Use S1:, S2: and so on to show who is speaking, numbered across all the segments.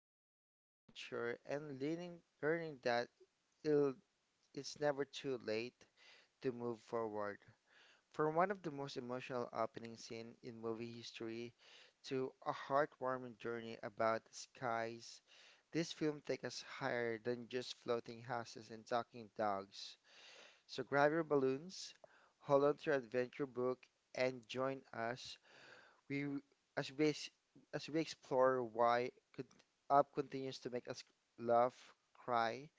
S1: loss, adventure, and learning, learning that it'll, it's never too late to move forward. From one of the most emotional opening scene in movie history to a heartwarming journey about skies, this film takes us higher than just floating houses and talking dogs. So grab your balloons, hold on to your adventure book, and join us. We as we ex- as we explore why could Up continues to make us laugh, cry,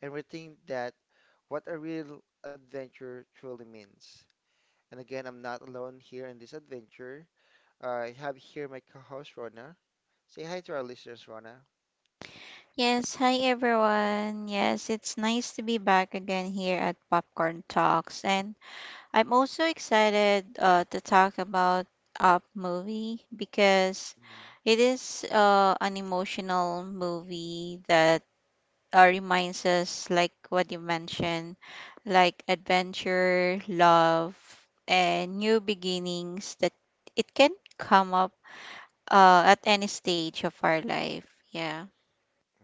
S1: and rethink that what a real adventure truly means. And again, I'm not alone here in this adventure. I have here my co-host Rona. Say hi to our listeners, Rona.
S2: Yes, hi everyone. Yes, it's nice to be back again here at Popcorn Talks. And I'm also excited to talk about Up movie because
S1: Mhm.
S2: it is an emotional movie that reminds us, like what you mentioned, like adventure, love, and new beginnings that it can come up at any stage of our life. Yeah.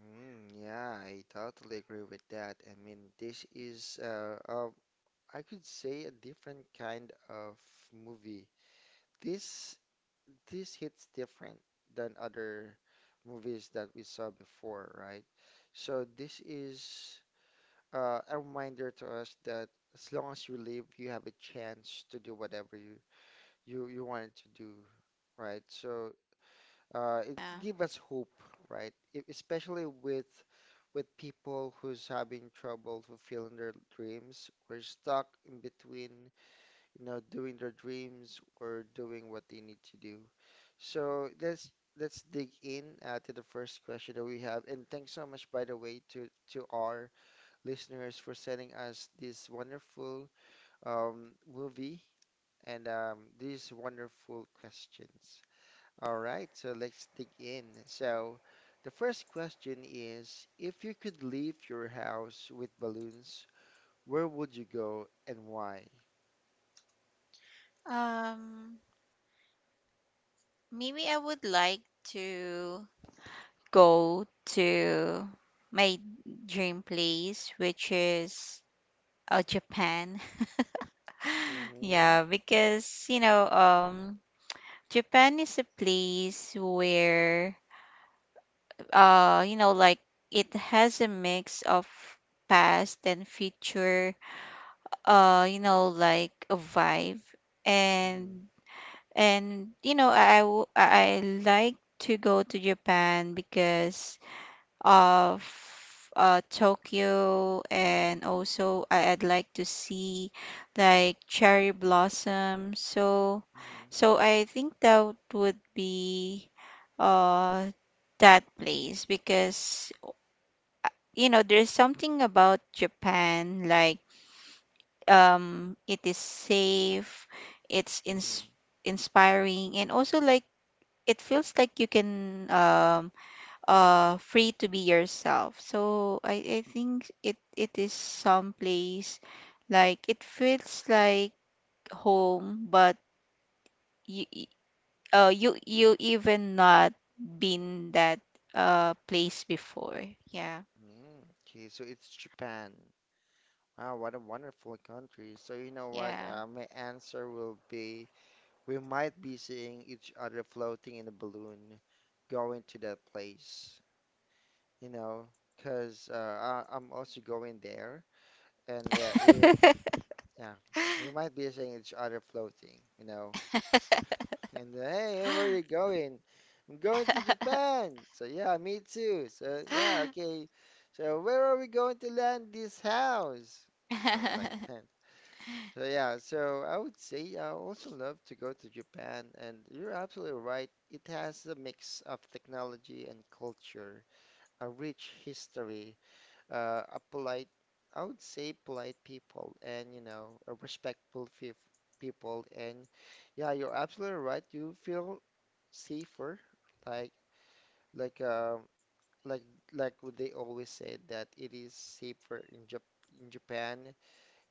S1: Mm, yeah, I totally agree with that. I mean, this is I could say a different kind of movie. This this hits different than other movies that we saw before, right? So this is a reminder to us that as long as you live, you have a chance to do whatever you wanted to do, right? So
S2: Yeah.
S1: it give us hope, right? Especially with people who's having trouble fulfilling their dreams or stuck in between, doing their dreams or doing what they need to do. So let's dig in to the first question that we have. And thanks so much, by the way, to our listeners for sending us this wonderful movie and these wonderful questions. All right, so let's dig in. So, the first question is, if you could leave your house with balloons, where would you go and why?
S2: Um, Maybe I would like to go to my dream place, which is Japan.
S1: Mm-hmm.
S2: Yeah, because Japan is a place where, like it has a mix of past and future, like a vibe,
S1: Mm-hmm.
S2: and I, w- I like to go to Japan because of Tokyo, and also I'd like to see like cherry blossom. So,
S1: Mm-hmm.
S2: so I think that would be uh, that place because there's something about Japan, like it is safe, it's
S1: Mm-hmm.
S2: inspiring, and also like it feels like you can free to be yourself. So I think it is some place, like it feels like home, but you you even not been that place before. Yeah.
S1: Mm. Okay, so it's Japan. Wow, what a wonderful country. So you know what?
S2: Yeah.
S1: My answer will be we might be seeing each other floating in a balloon going to that place, you know, because I'm also going there. And if yeah, we might be seeing each other floating. And then, hey, where are you going? I'm going to Japan. So yeah, me too. So yeah, okay. So where are we going to land this house? Something like that. So yeah, so I would say I also love to go to Japan, and you're absolutely right. It has a mix of technology and culture, a rich history, a polite, I would say polite people and, a respectful people. And yeah, you're absolutely right. You feel safer, like, like, um, like, like what they always say that it is safer in Japan.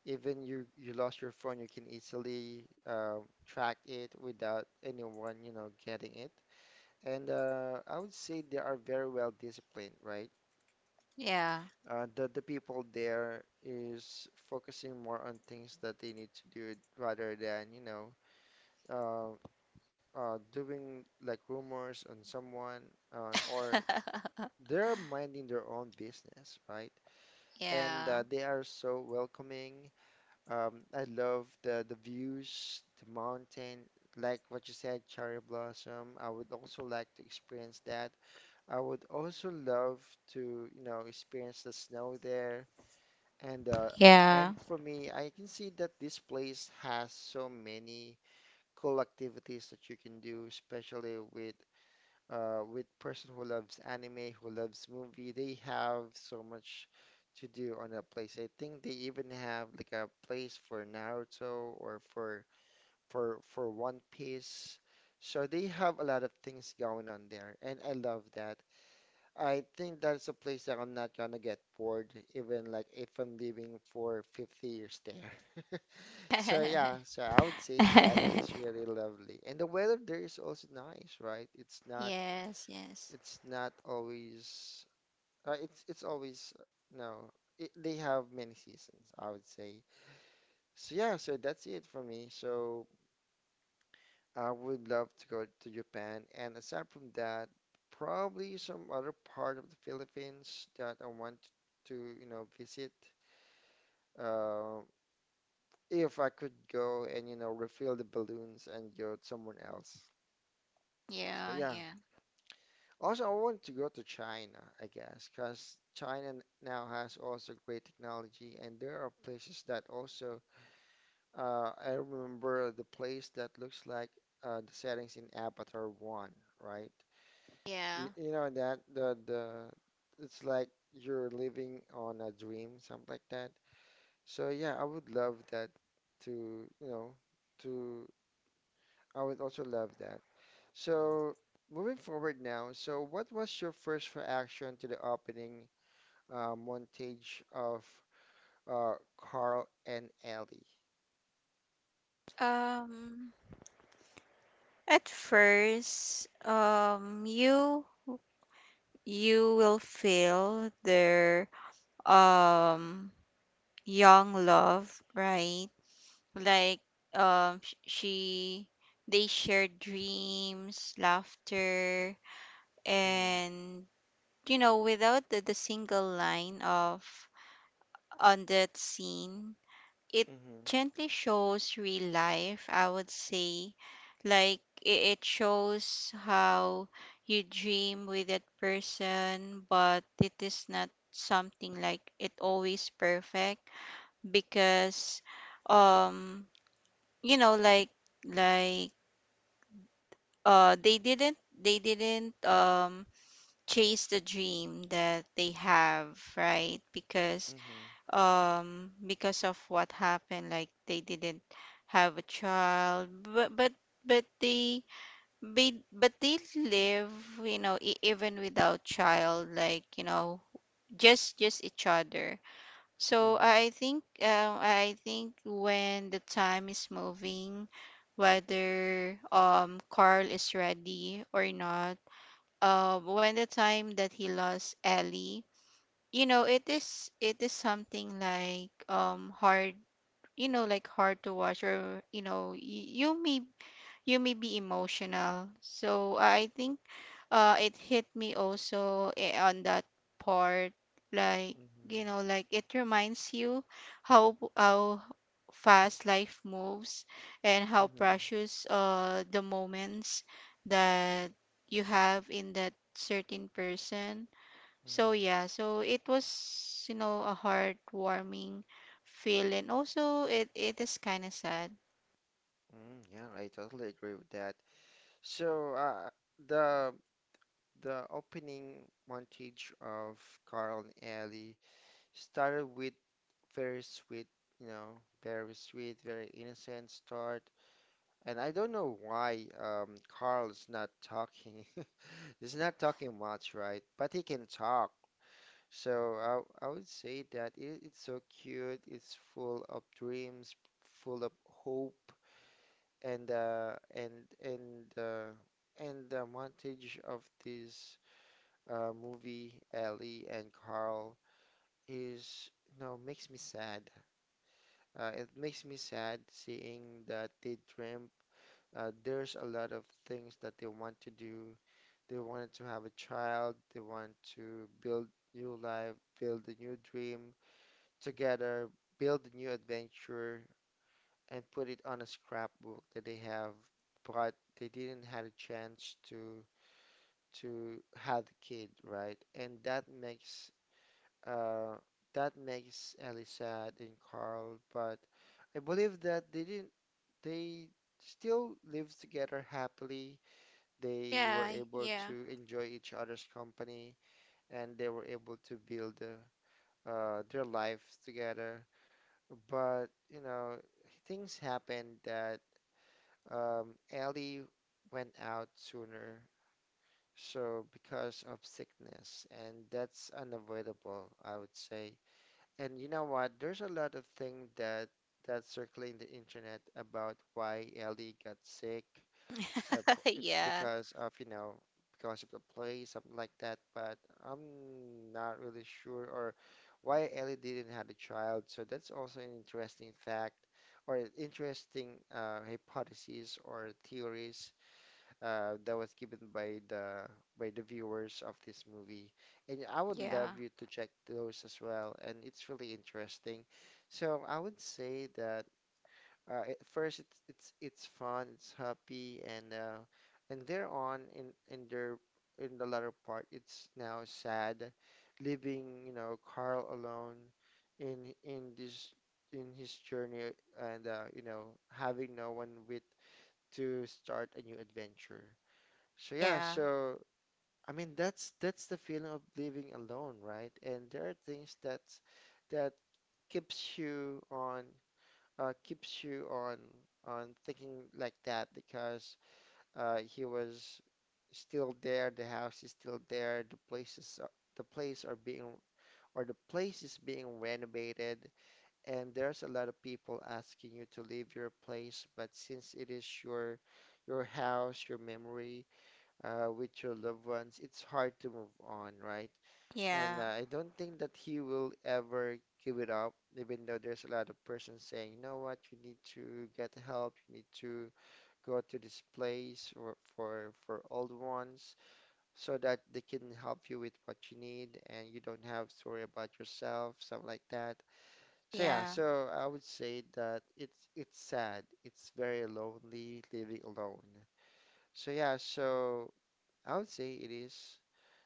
S1: Even you lost your phone, you can easily track it without anyone, getting it. And I would say they are very well disciplined, right?
S2: Yeah.
S1: The people there is focusing more on things that they need to do rather than, uh, doing like rumors on someone or they're minding their own business, right? And
S2: Yeah.
S1: they are so welcoming. I love the views, the mountain, like what you said, cherry blossom. I would also like to experience that. I would also love to experience the snow there. And
S2: Yeah.
S1: for me, I can see that this place has so many cool activities that you can do, especially with person who loves anime, who loves movie. They have so much to do on that place. I think they even have like a place for Naruto or for for One Piece. So they have a lot of things going on there, and I love that. I think that's a place that I'm not gonna get bored, even like if I'm living for 50 years there. So yeah, so I would say that is really lovely. And the weather there is also nice, right? It's not
S2: Yes, yes.
S1: it's not always it's always no, it, they have many seasons, I would say. So yeah, so that's it for me. So I would love to go to Japan, and aside from that, probably some other part of the Philippines that I want to visit. Uh, if I could go and, refill the balloons and go to someone else. So
S2: Yeah,
S1: yeah.
S2: yeah.
S1: Also, I want to go to China, I guess, because China now has also great technology, and there are places that also. I remember the place that looks like the settings in Avatar One, right?
S2: Yeah.
S1: You know that the it's like you're living on a dream, something like that. So yeah, I would love that to, you know, to I would also love that. So moving forward now, so what was your first reaction to the opening montage of uh, Carl and Ellie?
S2: Um, At first, you will feel their um young love, right? Like sh- she they share dreams, laughter,
S1: Mm.
S2: and without the single line of on that scene, it
S1: Mm-hmm.
S2: gently shows real life, I would say. Like it shows how you dream with that person, but it is not something like it always perfect, because um you know like like they didn't chase the dream that they have, right?
S1: Hmm.
S2: Because of what happened, like they didn't have a child, but but but they but they live, even without child, like, just each other. So
S1: Hmm.
S2: I think when the time is moving, whether Carl is ready or not, when the time that he lost Ellie, you know, it is something like hard, like hard to watch, or you may you may be emotional. So I think it hit me also, on that part. Like,
S1: Hmm.
S2: like it reminds you how fast life moves and how
S1: Hmm.
S2: precious the moments that you have in that certain person. So
S1: Hmm.
S2: yeah, so it was, a heartwarming feel, and also it is kind of sad.
S1: Yeah, I totally agree with that. So, the The opening montage of Carl and Ellie started with very sweet, very sweet, very innocent start. And I don't know why Carl is not talking. He's not talking much, right? But he can talk. So I would say that it's so cute. It's full of dreams, full of hope, and uh, and and uh, and the montage of this movie, Ellie and Carl, is no makes me sad. It makes me sad seeing that they dream. There's a lot of things that they want to do. They wanted to have a child. They want to build new life, build a new dream together, build a new adventure, and put it on a scrapbook that they have. But they didn't had a chance to have the kid, right? And that makes Uh, Ellie sad and Carl, but I believe that they didn't, they still lived together happily. They were
S2: Yeah,
S1: able
S2: yeah.
S1: to enjoy each other's company and they were able to build their lives together. But, things happened that Ellie went out sooner, so because of sickness, and that's unavoidable, I would say. And you know what? There's a lot of things that's circling the internet about why Ellie got sick. It's
S2: Yeah.
S1: because of the play, something like that. But I'm not really sure or why Ellie didn't have a child. So that's also an interesting fact or an interesting hypothesis or theories that was given by the viewers of this movie. And I would
S2: Yeah.
S1: love you to check those as well. And it's really interesting. So I would say that at first it's fun, it's happy, and there on in their in the latter part, it's now sad, leaving Carl alone in in this in his journey and having no one with to start a new adventure. So yeah,
S2: Yeah.
S1: so I mean that's the feeling of living alone, right? And there are things that keeps you on keeps you on thinking like that because he was still there, the house is still there, the places are, the place are being or the place is being renovated, and there's a lot of people asking you to leave your place, but since it is your house, your memory, with your loved ones, it's hard to move on, right? And
S2: Yeah.
S1: I don't think that he will ever give it up, even though there's a lot of persons saying, you know what, you need to get help, you need to go to this place or for old ones so that they can help you with what you need and you don't have to worry about yourself, something like that. So yeah,
S2: Yeah.
S1: so I would say that it's sad. It's very lonely living alone. So yeah, so I would say it is.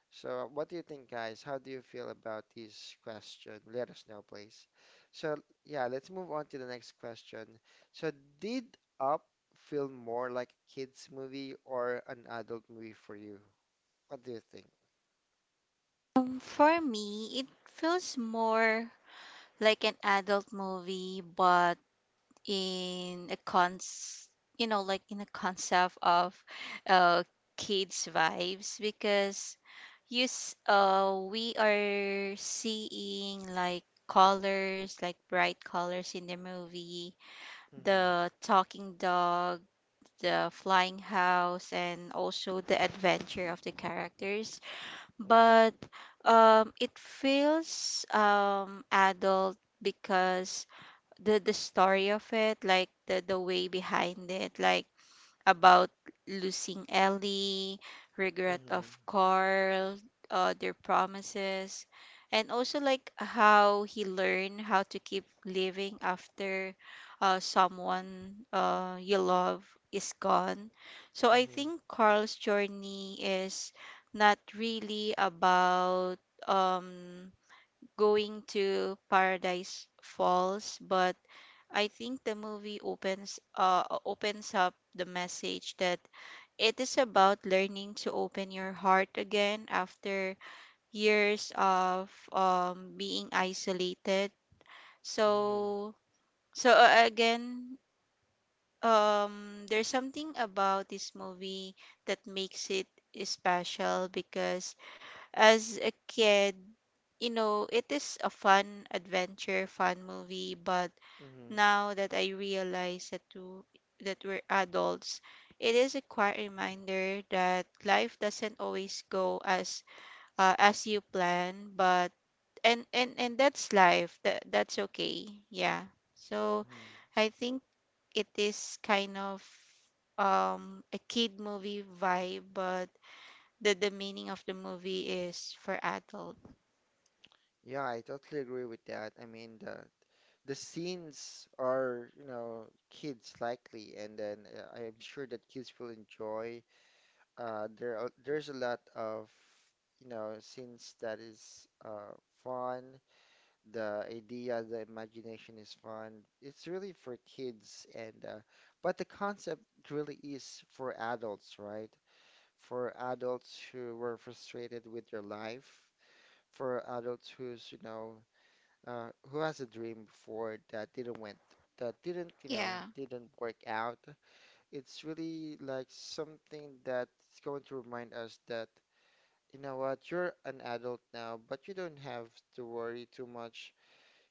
S1: So, what do you think, guys? How do you feel about this question? Let us know, please. So, yeah, let's move on to the next question. So, did Up feel more like a kids movie or an adult movie for you? What do you think?
S2: For me, it feels more like an adult movie, but in a like, in a concept of uh kids vibes. Because yes, we are seeing like colors, like bright colors in the movie,
S1: Mm-hmm.
S2: the talking dog, the flying house, and also the adventure of the characters.
S1: Mm-hmm.
S2: But it feels adult, because the story of it, like the way behind it, like about losing Ellie, regret
S1: Mm-hmm.
S2: of Carl, their promises, and also like how he learned how to keep living after someone you love is gone. So I
S1: Mm-hmm.
S2: think Carl's journey is not really about um, going to Paradise Falls, but I think the movie opens up the message that it is about learning to open your heart again after years of being isolated.
S1: Mm-hmm.
S2: So, so, again, there's something about this movie that makes it special, because as a kid, it is a fun adventure, fun movie. But
S1: Mm-hmm.
S2: now that I realize that we're adults, it is a quiet reminder that life doesn't always go as you plan, but and that's life. That's okay. Yeah. So
S1: Hmm.
S2: I think it is kind of a kid movie vibe, but the meaning of the movie is for adult.
S1: Yeah, I totally agree with that. I mean, the scenes are, kids likely, and then I'm sure that kids will enjoy. There's a lot of scenes that is fun. The idea, the imagination is fun. It's really for kids, and but the concept really is for adults, right? For adults who were frustrated with their life, for adults who's who has a dream before that didn't went. That didn't, you know,
S2: Yeah.
S1: didn't work out. It's really like something that's going to remind us that you know what? You're an adult now, but you don't have to worry too much.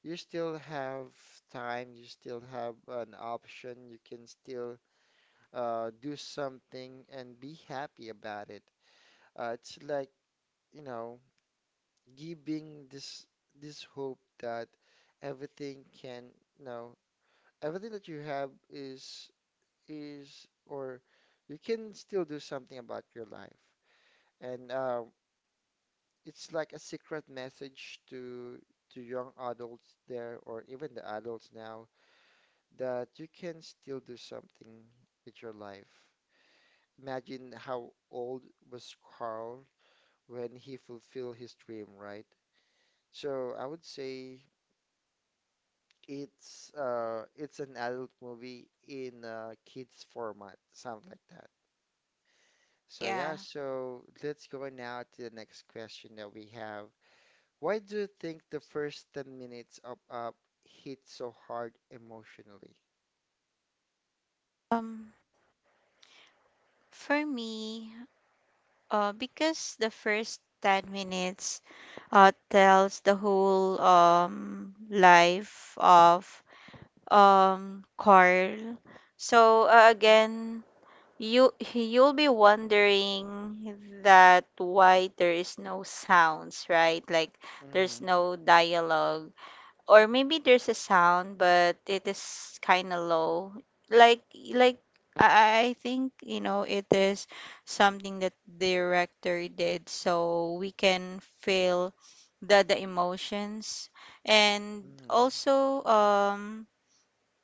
S1: You still have time, you still have an option, you can still do something and be happy about it. It's like, you know, giving this hope that everything can, you know, everything that you have is, or you can still do something about your life. And It's like a secret message to young adults there or even the adults now that you can still do something with your life. Imagine how old was Carl when he fulfilled his dream, right? So I would say it's an adult movie in a kids format, something like that. So
S2: Yeah.
S1: yeah, so let's go now to the next question that we have. Why do you think the first 10 minutes of Up hit so hard emotionally?
S2: Um for me, because the first 10 minutes tells the whole life of Carl. So again, you you'll be wondering that why there is no sounds, right? Like
S1: Mm-hmm.
S2: there's no dialogue, or maybe there's a sound, but it is kind of low. Like like I think, it is something that the director did, so we can feel the emotions, and
S1: Mm-hmm.
S2: also um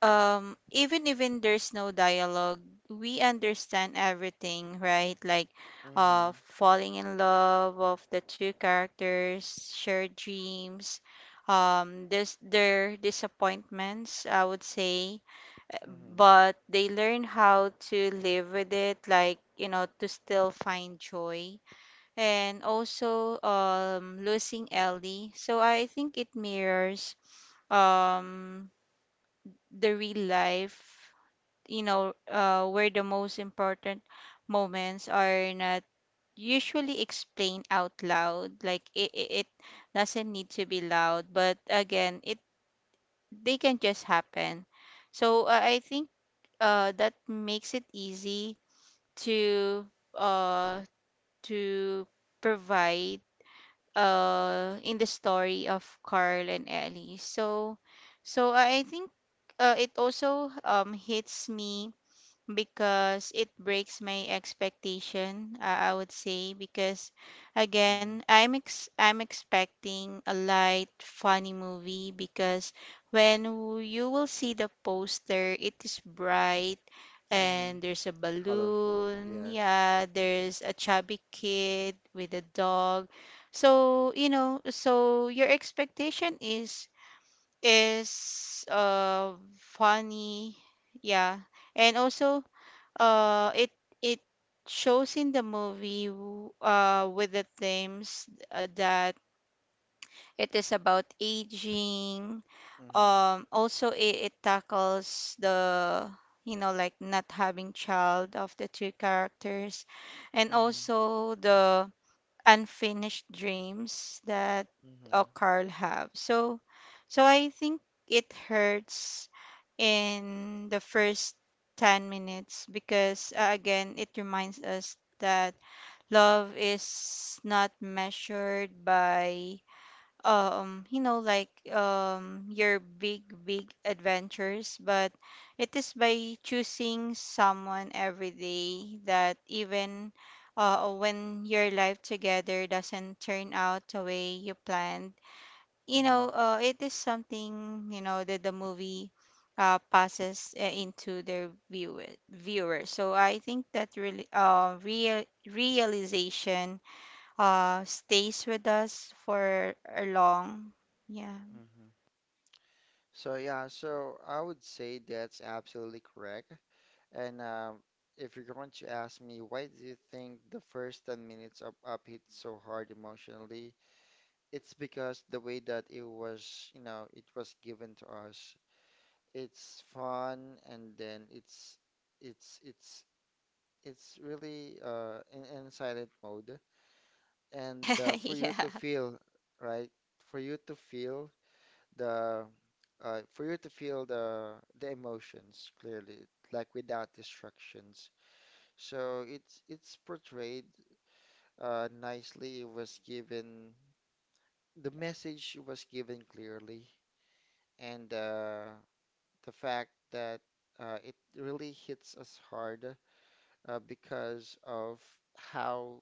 S2: um even there's no dialogue, we understand everything, right. Like
S1: Mm-hmm.
S2: falling in love of the two characters, shared dreams, this their disappointments, I would say,
S1: Mm-hmm.
S2: but they learn how to live with it, like, to still find joy, and also losing Ellie. So I think it mirrors um the real life, where the most important moments are not usually explained out loud. Like, it doesn't need to be loud, but again, it they can just happen. So I think that makes it easy to uh, to provide in the story of Carl and Ellie. So, I think it also hits me because it breaks my expectation, I would say, because again,
S1: Mm-hmm.
S2: I'm I'm expecting a light funny movie, because when you will see the poster it is bright,
S1: Mm-hmm.
S2: and there's a
S1: Colorful,
S2: balloon,
S1: yes.
S2: yeah, there's a chubby kid with a dog. So, so your expectation is funny, yeah. And also, uh, it it shows in the movie, with the themes, that it is about aging.
S1: Mm-hmm.
S2: Also, it tackles the, like, not having child of the two characters, and
S1: Mm-hmm.
S2: also the unfinished dreams that
S1: Mm-hmm.
S2: Carl have. So, I think it hurts in the first 10 minutes because, again, it reminds us that love is not measured by, like, your big adventures, but it is by choosing someone every day, that even when your life together doesn't turn out the way you planned,
S1: Mm-hmm.
S2: it is something, you know, that the movie passes, into their viewer. So I think that really, realization stays with us for a long. Yeah.
S1: Mm-hmm. So yeah, so I would say that's absolutely correct. And If you're going to ask me, why do you think the first 10 minutes of Up hit so hard emotionally? It's because the way that it was, you know, it was given to us. It's fun, and then it's it's it's really in silent mode, and for you to
S2: Yeah,
S1: feel, right, for you to feel the for you to feel the emotions clearly, like without distractions. So it's portrayed nicely. It was given, the message was given clearly. And The fact that it really hits us hard, because of how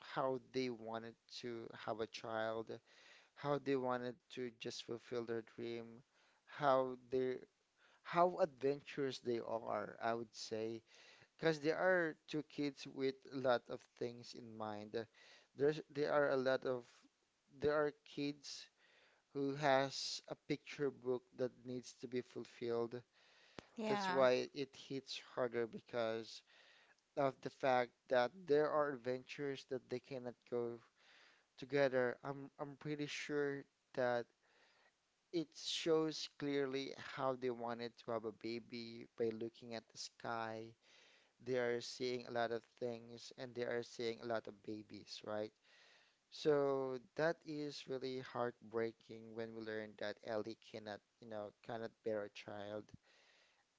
S1: how they wanted to have a child, how they wanted to just fulfill their dream, how they how adventurous they are, I would say, because there are two kids with a lot of things in mind. There are a lot of, there are kids who has a picture book that needs to be fulfilled. That's
S2: yeah,
S1: why it hits harder, because of the fact that there are adventures that they cannot go together. I'm pretty sure that it shows clearly how they wanted to have a baby by looking at the sky. They are seeing a lot of things and they are seeing a lot of babies, right? So that is really heartbreaking when we learn that Ellie cannot, you know, cannot bear a child.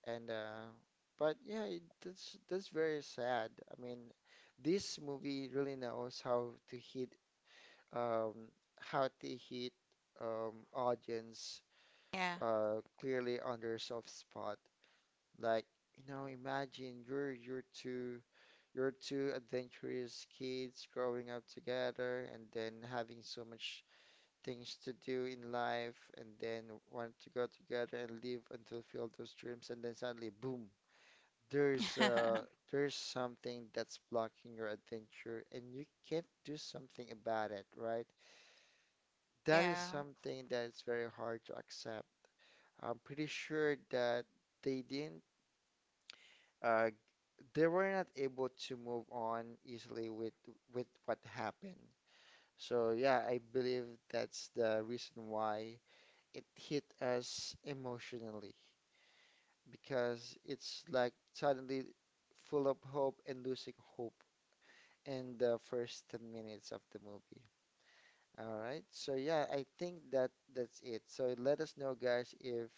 S1: And But yeah, it, that's very sad. I mean, this movie really knows um, how to hit audience
S2: yeah.
S1: clearly on their soft spot. Like, you know, imagine you're two adventurous kids growing up together and then having so much things to do in life, and then want to go together and live and fulfill those dreams, and then suddenly boom, there's there's something that's blocking your adventure and you can't do something about it, right? That is
S2: Yeah.
S1: something that is very hard to accept. I'm pretty sure that they didn't uh they were not able to move on easily with what happened. So yeah, I believe that's the reason why it hit us emotionally, because it's like suddenly full of hope and losing hope in the first 10 minutes of the movie. All right. So yeah, I think that that's it. So let us know, guys, if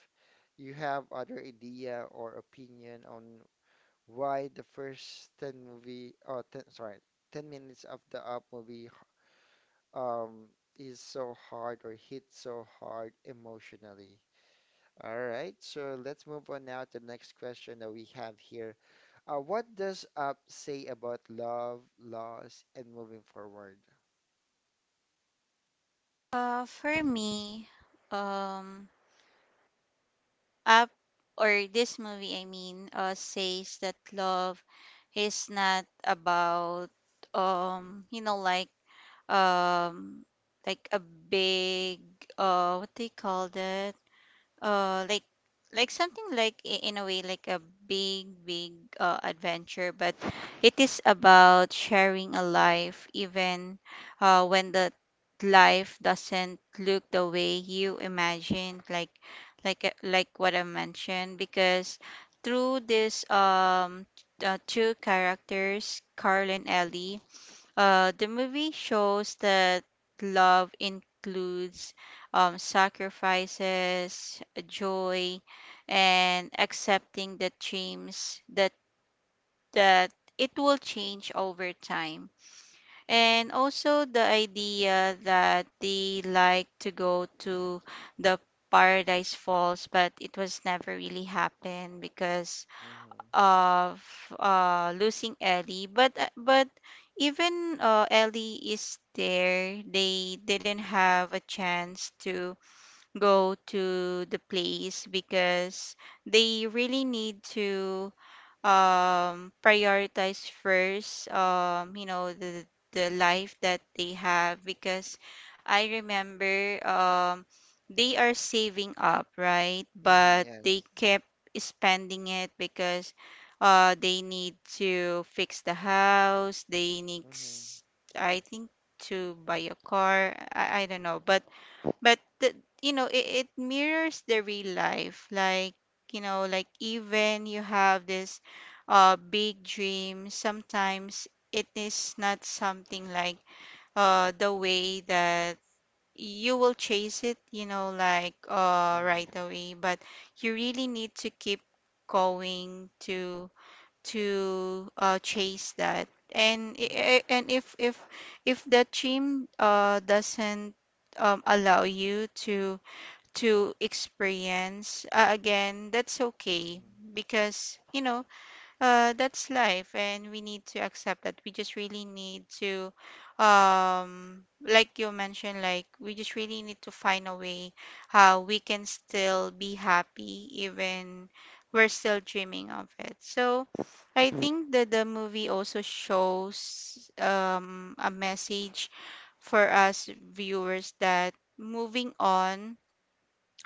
S1: you have other idea or opinion on why the first 10 movie oh 10, sorry, 10 minutes of the up movie um is so hard or hit so hard emotionally. All right. So let's move on now to the next question that we have here. What does up say about love, loss, and moving forward?
S2: For
S1: Mm,
S2: me, um. Up, or this movie I mean, says that love is not about, like, um like a big, what they call that, uh like like something like, in a way like a big adventure, but it is about sharing a life, even when the life doesn't look the way you imagined, like what I mentioned. Because through this two characters, Carl and Ellie, the movie shows that love includes sacrifices, joy, and accepting the dreams that it will change over time.
S1: mhm,
S2: And also the idea that they like to go to the Paradise Falls, but it was never really happened because
S1: mhm,
S2: of losing Ellie. But but even Ellie is there, they didn't have a chance to go to the place because they really need to prioritize first, the life that they have. Because I remember they are saving up, right,
S1: mhm,
S2: but they
S1: yes.
S2: kept spending it because they need to fix the house, they need
S1: Mhm,
S2: I think to buy a car. I don't know. But it mirrors the real life. Like, like even you have this big dream, sometimes it is not something like the way that you will chase it, like right
S1: mhm,
S2: away. But you really need to keep going to chase that. and
S1: mhm,
S2: i- i- and if if that dream doesn't, allow you to experience. Again, that's okay,
S1: mhm,
S2: because that's life, and we need to accept that. We just really need to, like you mentioned, like we just really need to find a way how we can still be happy, even we're still dreaming of it. So I think that the movie also shows a message for us viewers that moving on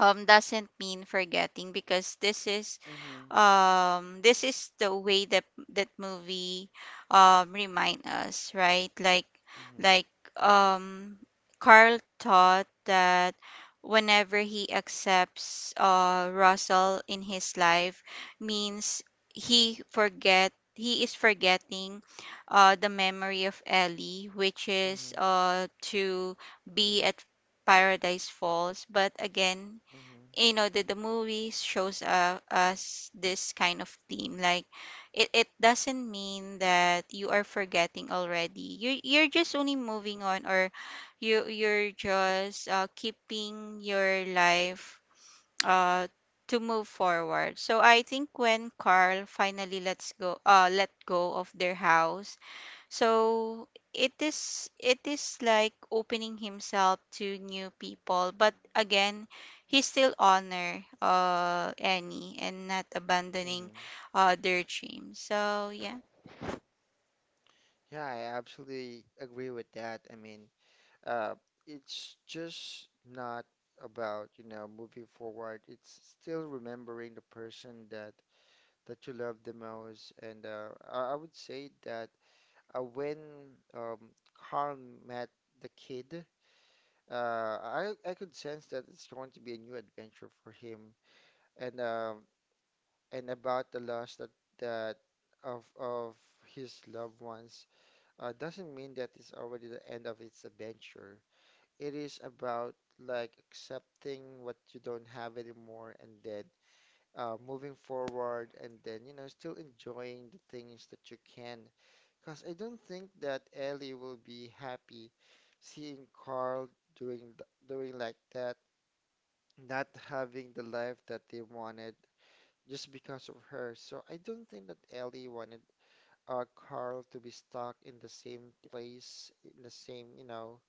S2: doesn't mean forgetting. Because
S1: mhm,
S2: this is the way that that movie remind us, right, like,
S1: mhm,
S2: like um Carl taught that whenever he accepts Russell in his life, means he is forgetting the memory of Ellie, which is
S1: mhm,
S2: to be at Paradise Falls. But again,
S1: mhm,
S2: the movies shows, us this kind of theme. Like, it doesn't mean that you are forgetting already, you're just only moving on, or you're just, keeping your life uh to move forward. So I think when Carl finally lets go, let go of their house, so it is, like opening himself to new people. But again, he still honor Annie and not abandoning
S1: mhm.
S2: their dreams. So yeah,
S1: Yeah, I absolutely agree with that. I mean, uh, it's just not about, you know, moving forward. It's still remembering the person that that you love the most. And I would say that when um, Carl met the kid. I could sense that it's going to be a new adventure for him, and um and about the loss that that of his loved ones doesn't mean that it's already the end of its adventure. It is about like accepting what you don't have anymore, and then moving forward, and then you know still enjoying the things that you can. Because I don't think that Ellie will be happy seeing Carl doing doing like that, not having the life that they wanted, just because of her. So I don't think that Ellie wanted Carl to be stuck in the same place, in the same, you know,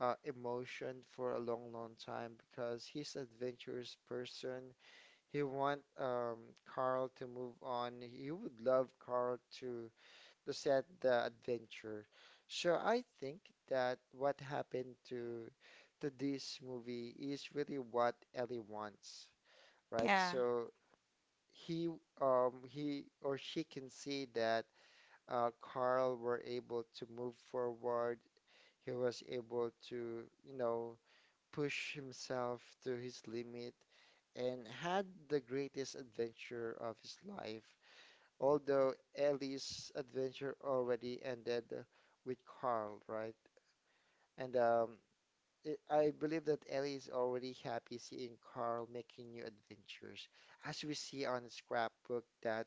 S1: emotion for a long, long time, because he's adventurous person. He want Carl to move on. He would love Carl to set the adventure. So I think that what happened to this movie is really what Ellie wants, right?
S2: yeah,
S1: So he he or she can see that Carl were able to move forward. He was able to, you know, push himself to his limit and had the greatest adventure of his life. Although Ellie's adventure already ended with Carl, right? And It, I believe that Ellie is already happy seeing Carl making new adventures, as we see on the scrapbook that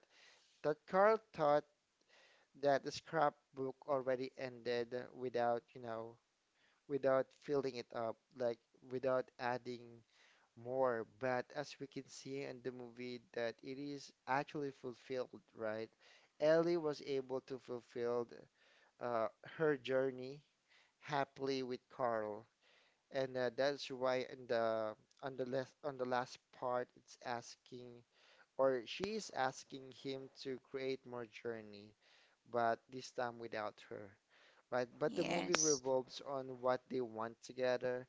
S1: that Carl thought that the scrapbook already ended without, you know, without filling it up, like without adding more. But as we can see in the movie, that it is actually fulfilled, right? Ellie was able to fulfill uh, her journey happily with Carl, and that's why in the on the last part, it's asking, or she is asking him to create more journey, but this time without her, right? But the movie
S2: yes.
S1: revolves on what they want together,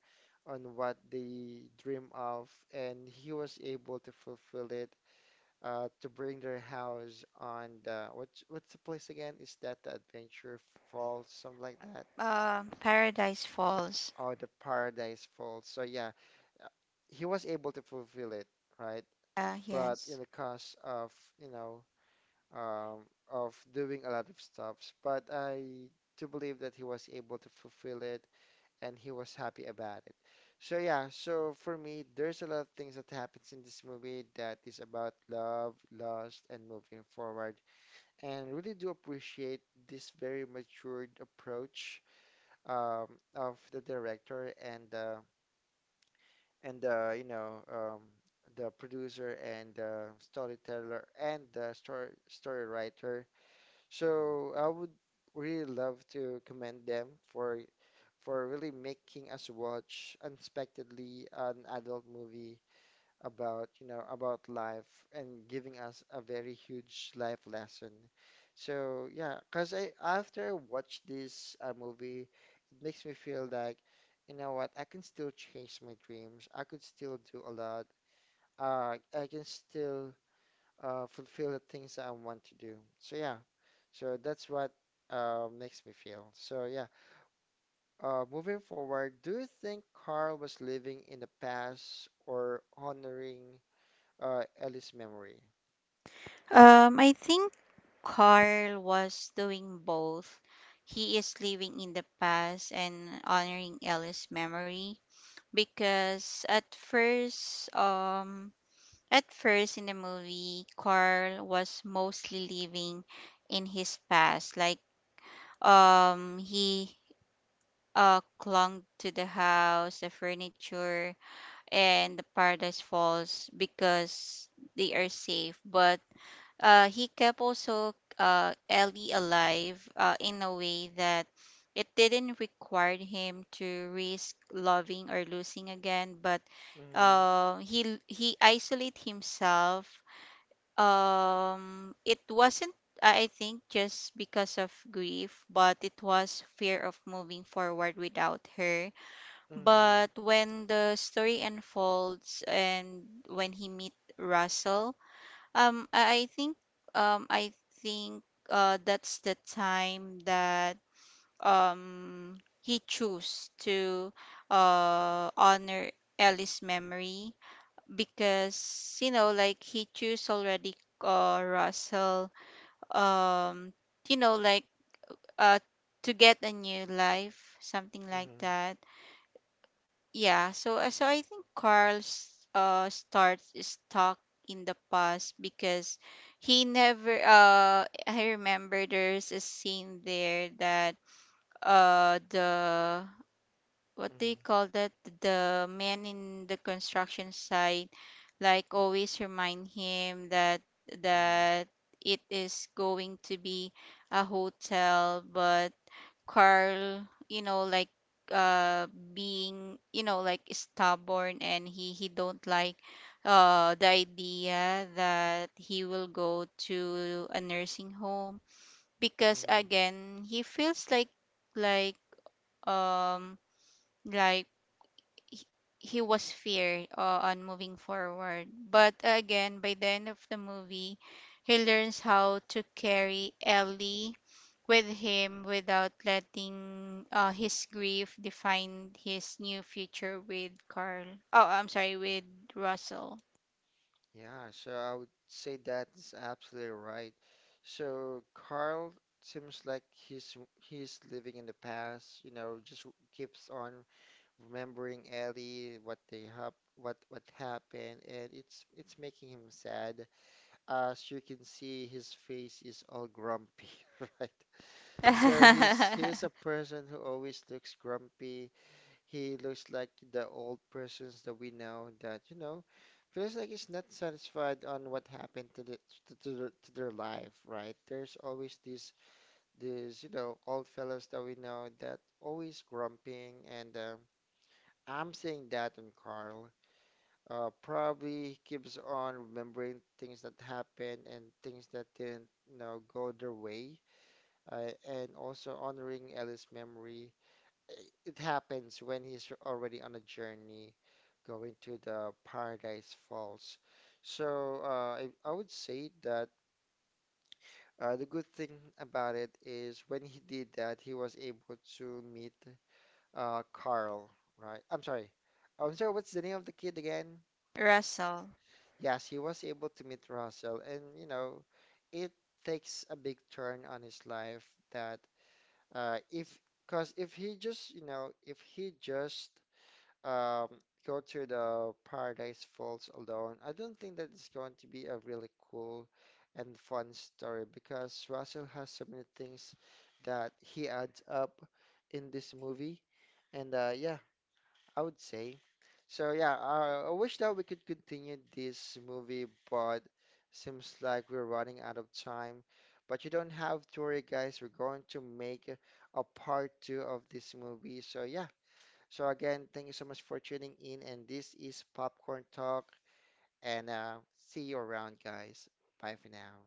S1: on what they dream of, and he was able to fulfill it, to bring their house on the what's the place again? Is that the Adventure Falls, something like that?
S2: Paradise Falls.
S1: Or the Paradise Falls. So yeah, uh, he was able to fulfill it, right? But in
S2: Yes.
S1: the cost of, you know, um, of doing a lot of stuffs. But I do believe that he was able to fulfill it and he was happy about it. So yeah, so for me, there's a lot of things that happens in this movie that is about love, loss, and moving forward. And really do appreciate this very matured approach, um, of the director, and you know, the producer, and storyteller, and the story writer. So I would really love to commend them for really making us watch unexpectedly an adult movie about, you know, about life, and giving us a very huge life lesson. So yeah, 'cause I after I watch this movie, it makes me feel like, you know what, I can still chase my dreams. I could still do a lot. I can still fulfill the things that I want to do. So yeah, so that's what makes me feel. So yeah, moving forward, do you think Carl was living in the past or honoring Ellie's memory?
S2: I think Carl was doing both. He is living in the past and honoring Ellie's memory, because at first in the movie, Carl was mostly living in his past. Like, he clung to the house, the furniture, and the Paradise Falls, because they are safe. But he kept also Ellie alive, in a way that it didn't require him to risk loving or losing again. But
S1: Mm-hmm.
S2: he isolate himself. It wasn't, I think, just because of grief, but it was fear of moving forward without her.
S1: Mm-hmm.
S2: But when the story unfolds and when he meet Russell, I think, um I that's the time that he chose to honor Ellie's memory. Because like he chose already Russell, um like uh to get a new life, something like
S1: Mm-hmm.
S2: that. Yeah. So so I think Carl's starts stuck in the past, because he never, I remember there's a scene there that, the, what do
S1: Mm-hmm.
S2: you call that, the man in the construction site, like always remind him that
S1: Mm-hmm.
S2: that it is going to be a hotel, but Carl, you know, like uh being, you know, like stubborn, and he don't like the idea that he will go to a nursing home. Because
S1: Mm-hmm.
S2: again, he feels like, like um like he, he was fear on moving forward. But again, by the end of the movie, he learns how to carry Ellie with him without letting his grief define his new future with Carl. Oh, I'm sorry, with Russell.
S1: Yeah, so I would say that's absolutely right. So Carl seems like he's living in the past, you know, just keeps on remembering Ellie, what they have, what happened, and it's making him sad. As you can see, his face is all grumpy, right? So he's a person who always looks grumpy. He looks like the old persons that we know that, you know, feels like he's not satisfied on what happened to the to their life, right? There's always this this, you know, old fellows that we know that always grumping, and I'm saying that on Carl. Probably he keeps on remembering things that happened and things that didn't, you know, go their way, and also honoring Ellie's memory. It happens when he's already on a journey going to the Paradise Falls. So I would say that the good thing about it is when he did that, he was able to meet Carl, right? I'm sorry. I'm sorry, what's the name of the kid again? Yes, he was able to meet Russell, and you know, it takes a big turn on his life that if, because if he just, you know, if he just um, go to the Paradise Falls alone, I don't think that it's going to be a really cool and fun story, because Russell has so many things that he adds up in this movie, and yeah, I would say. So yeah, I wish that we could continue this movie, but seems like we're running out of time. But you don't have to worry, guys. We're going to make a part two of this movie. So yeah. So again, thank you so much for tuning in, and this is Popcorn Talk, and see you around, guys. Bye for now.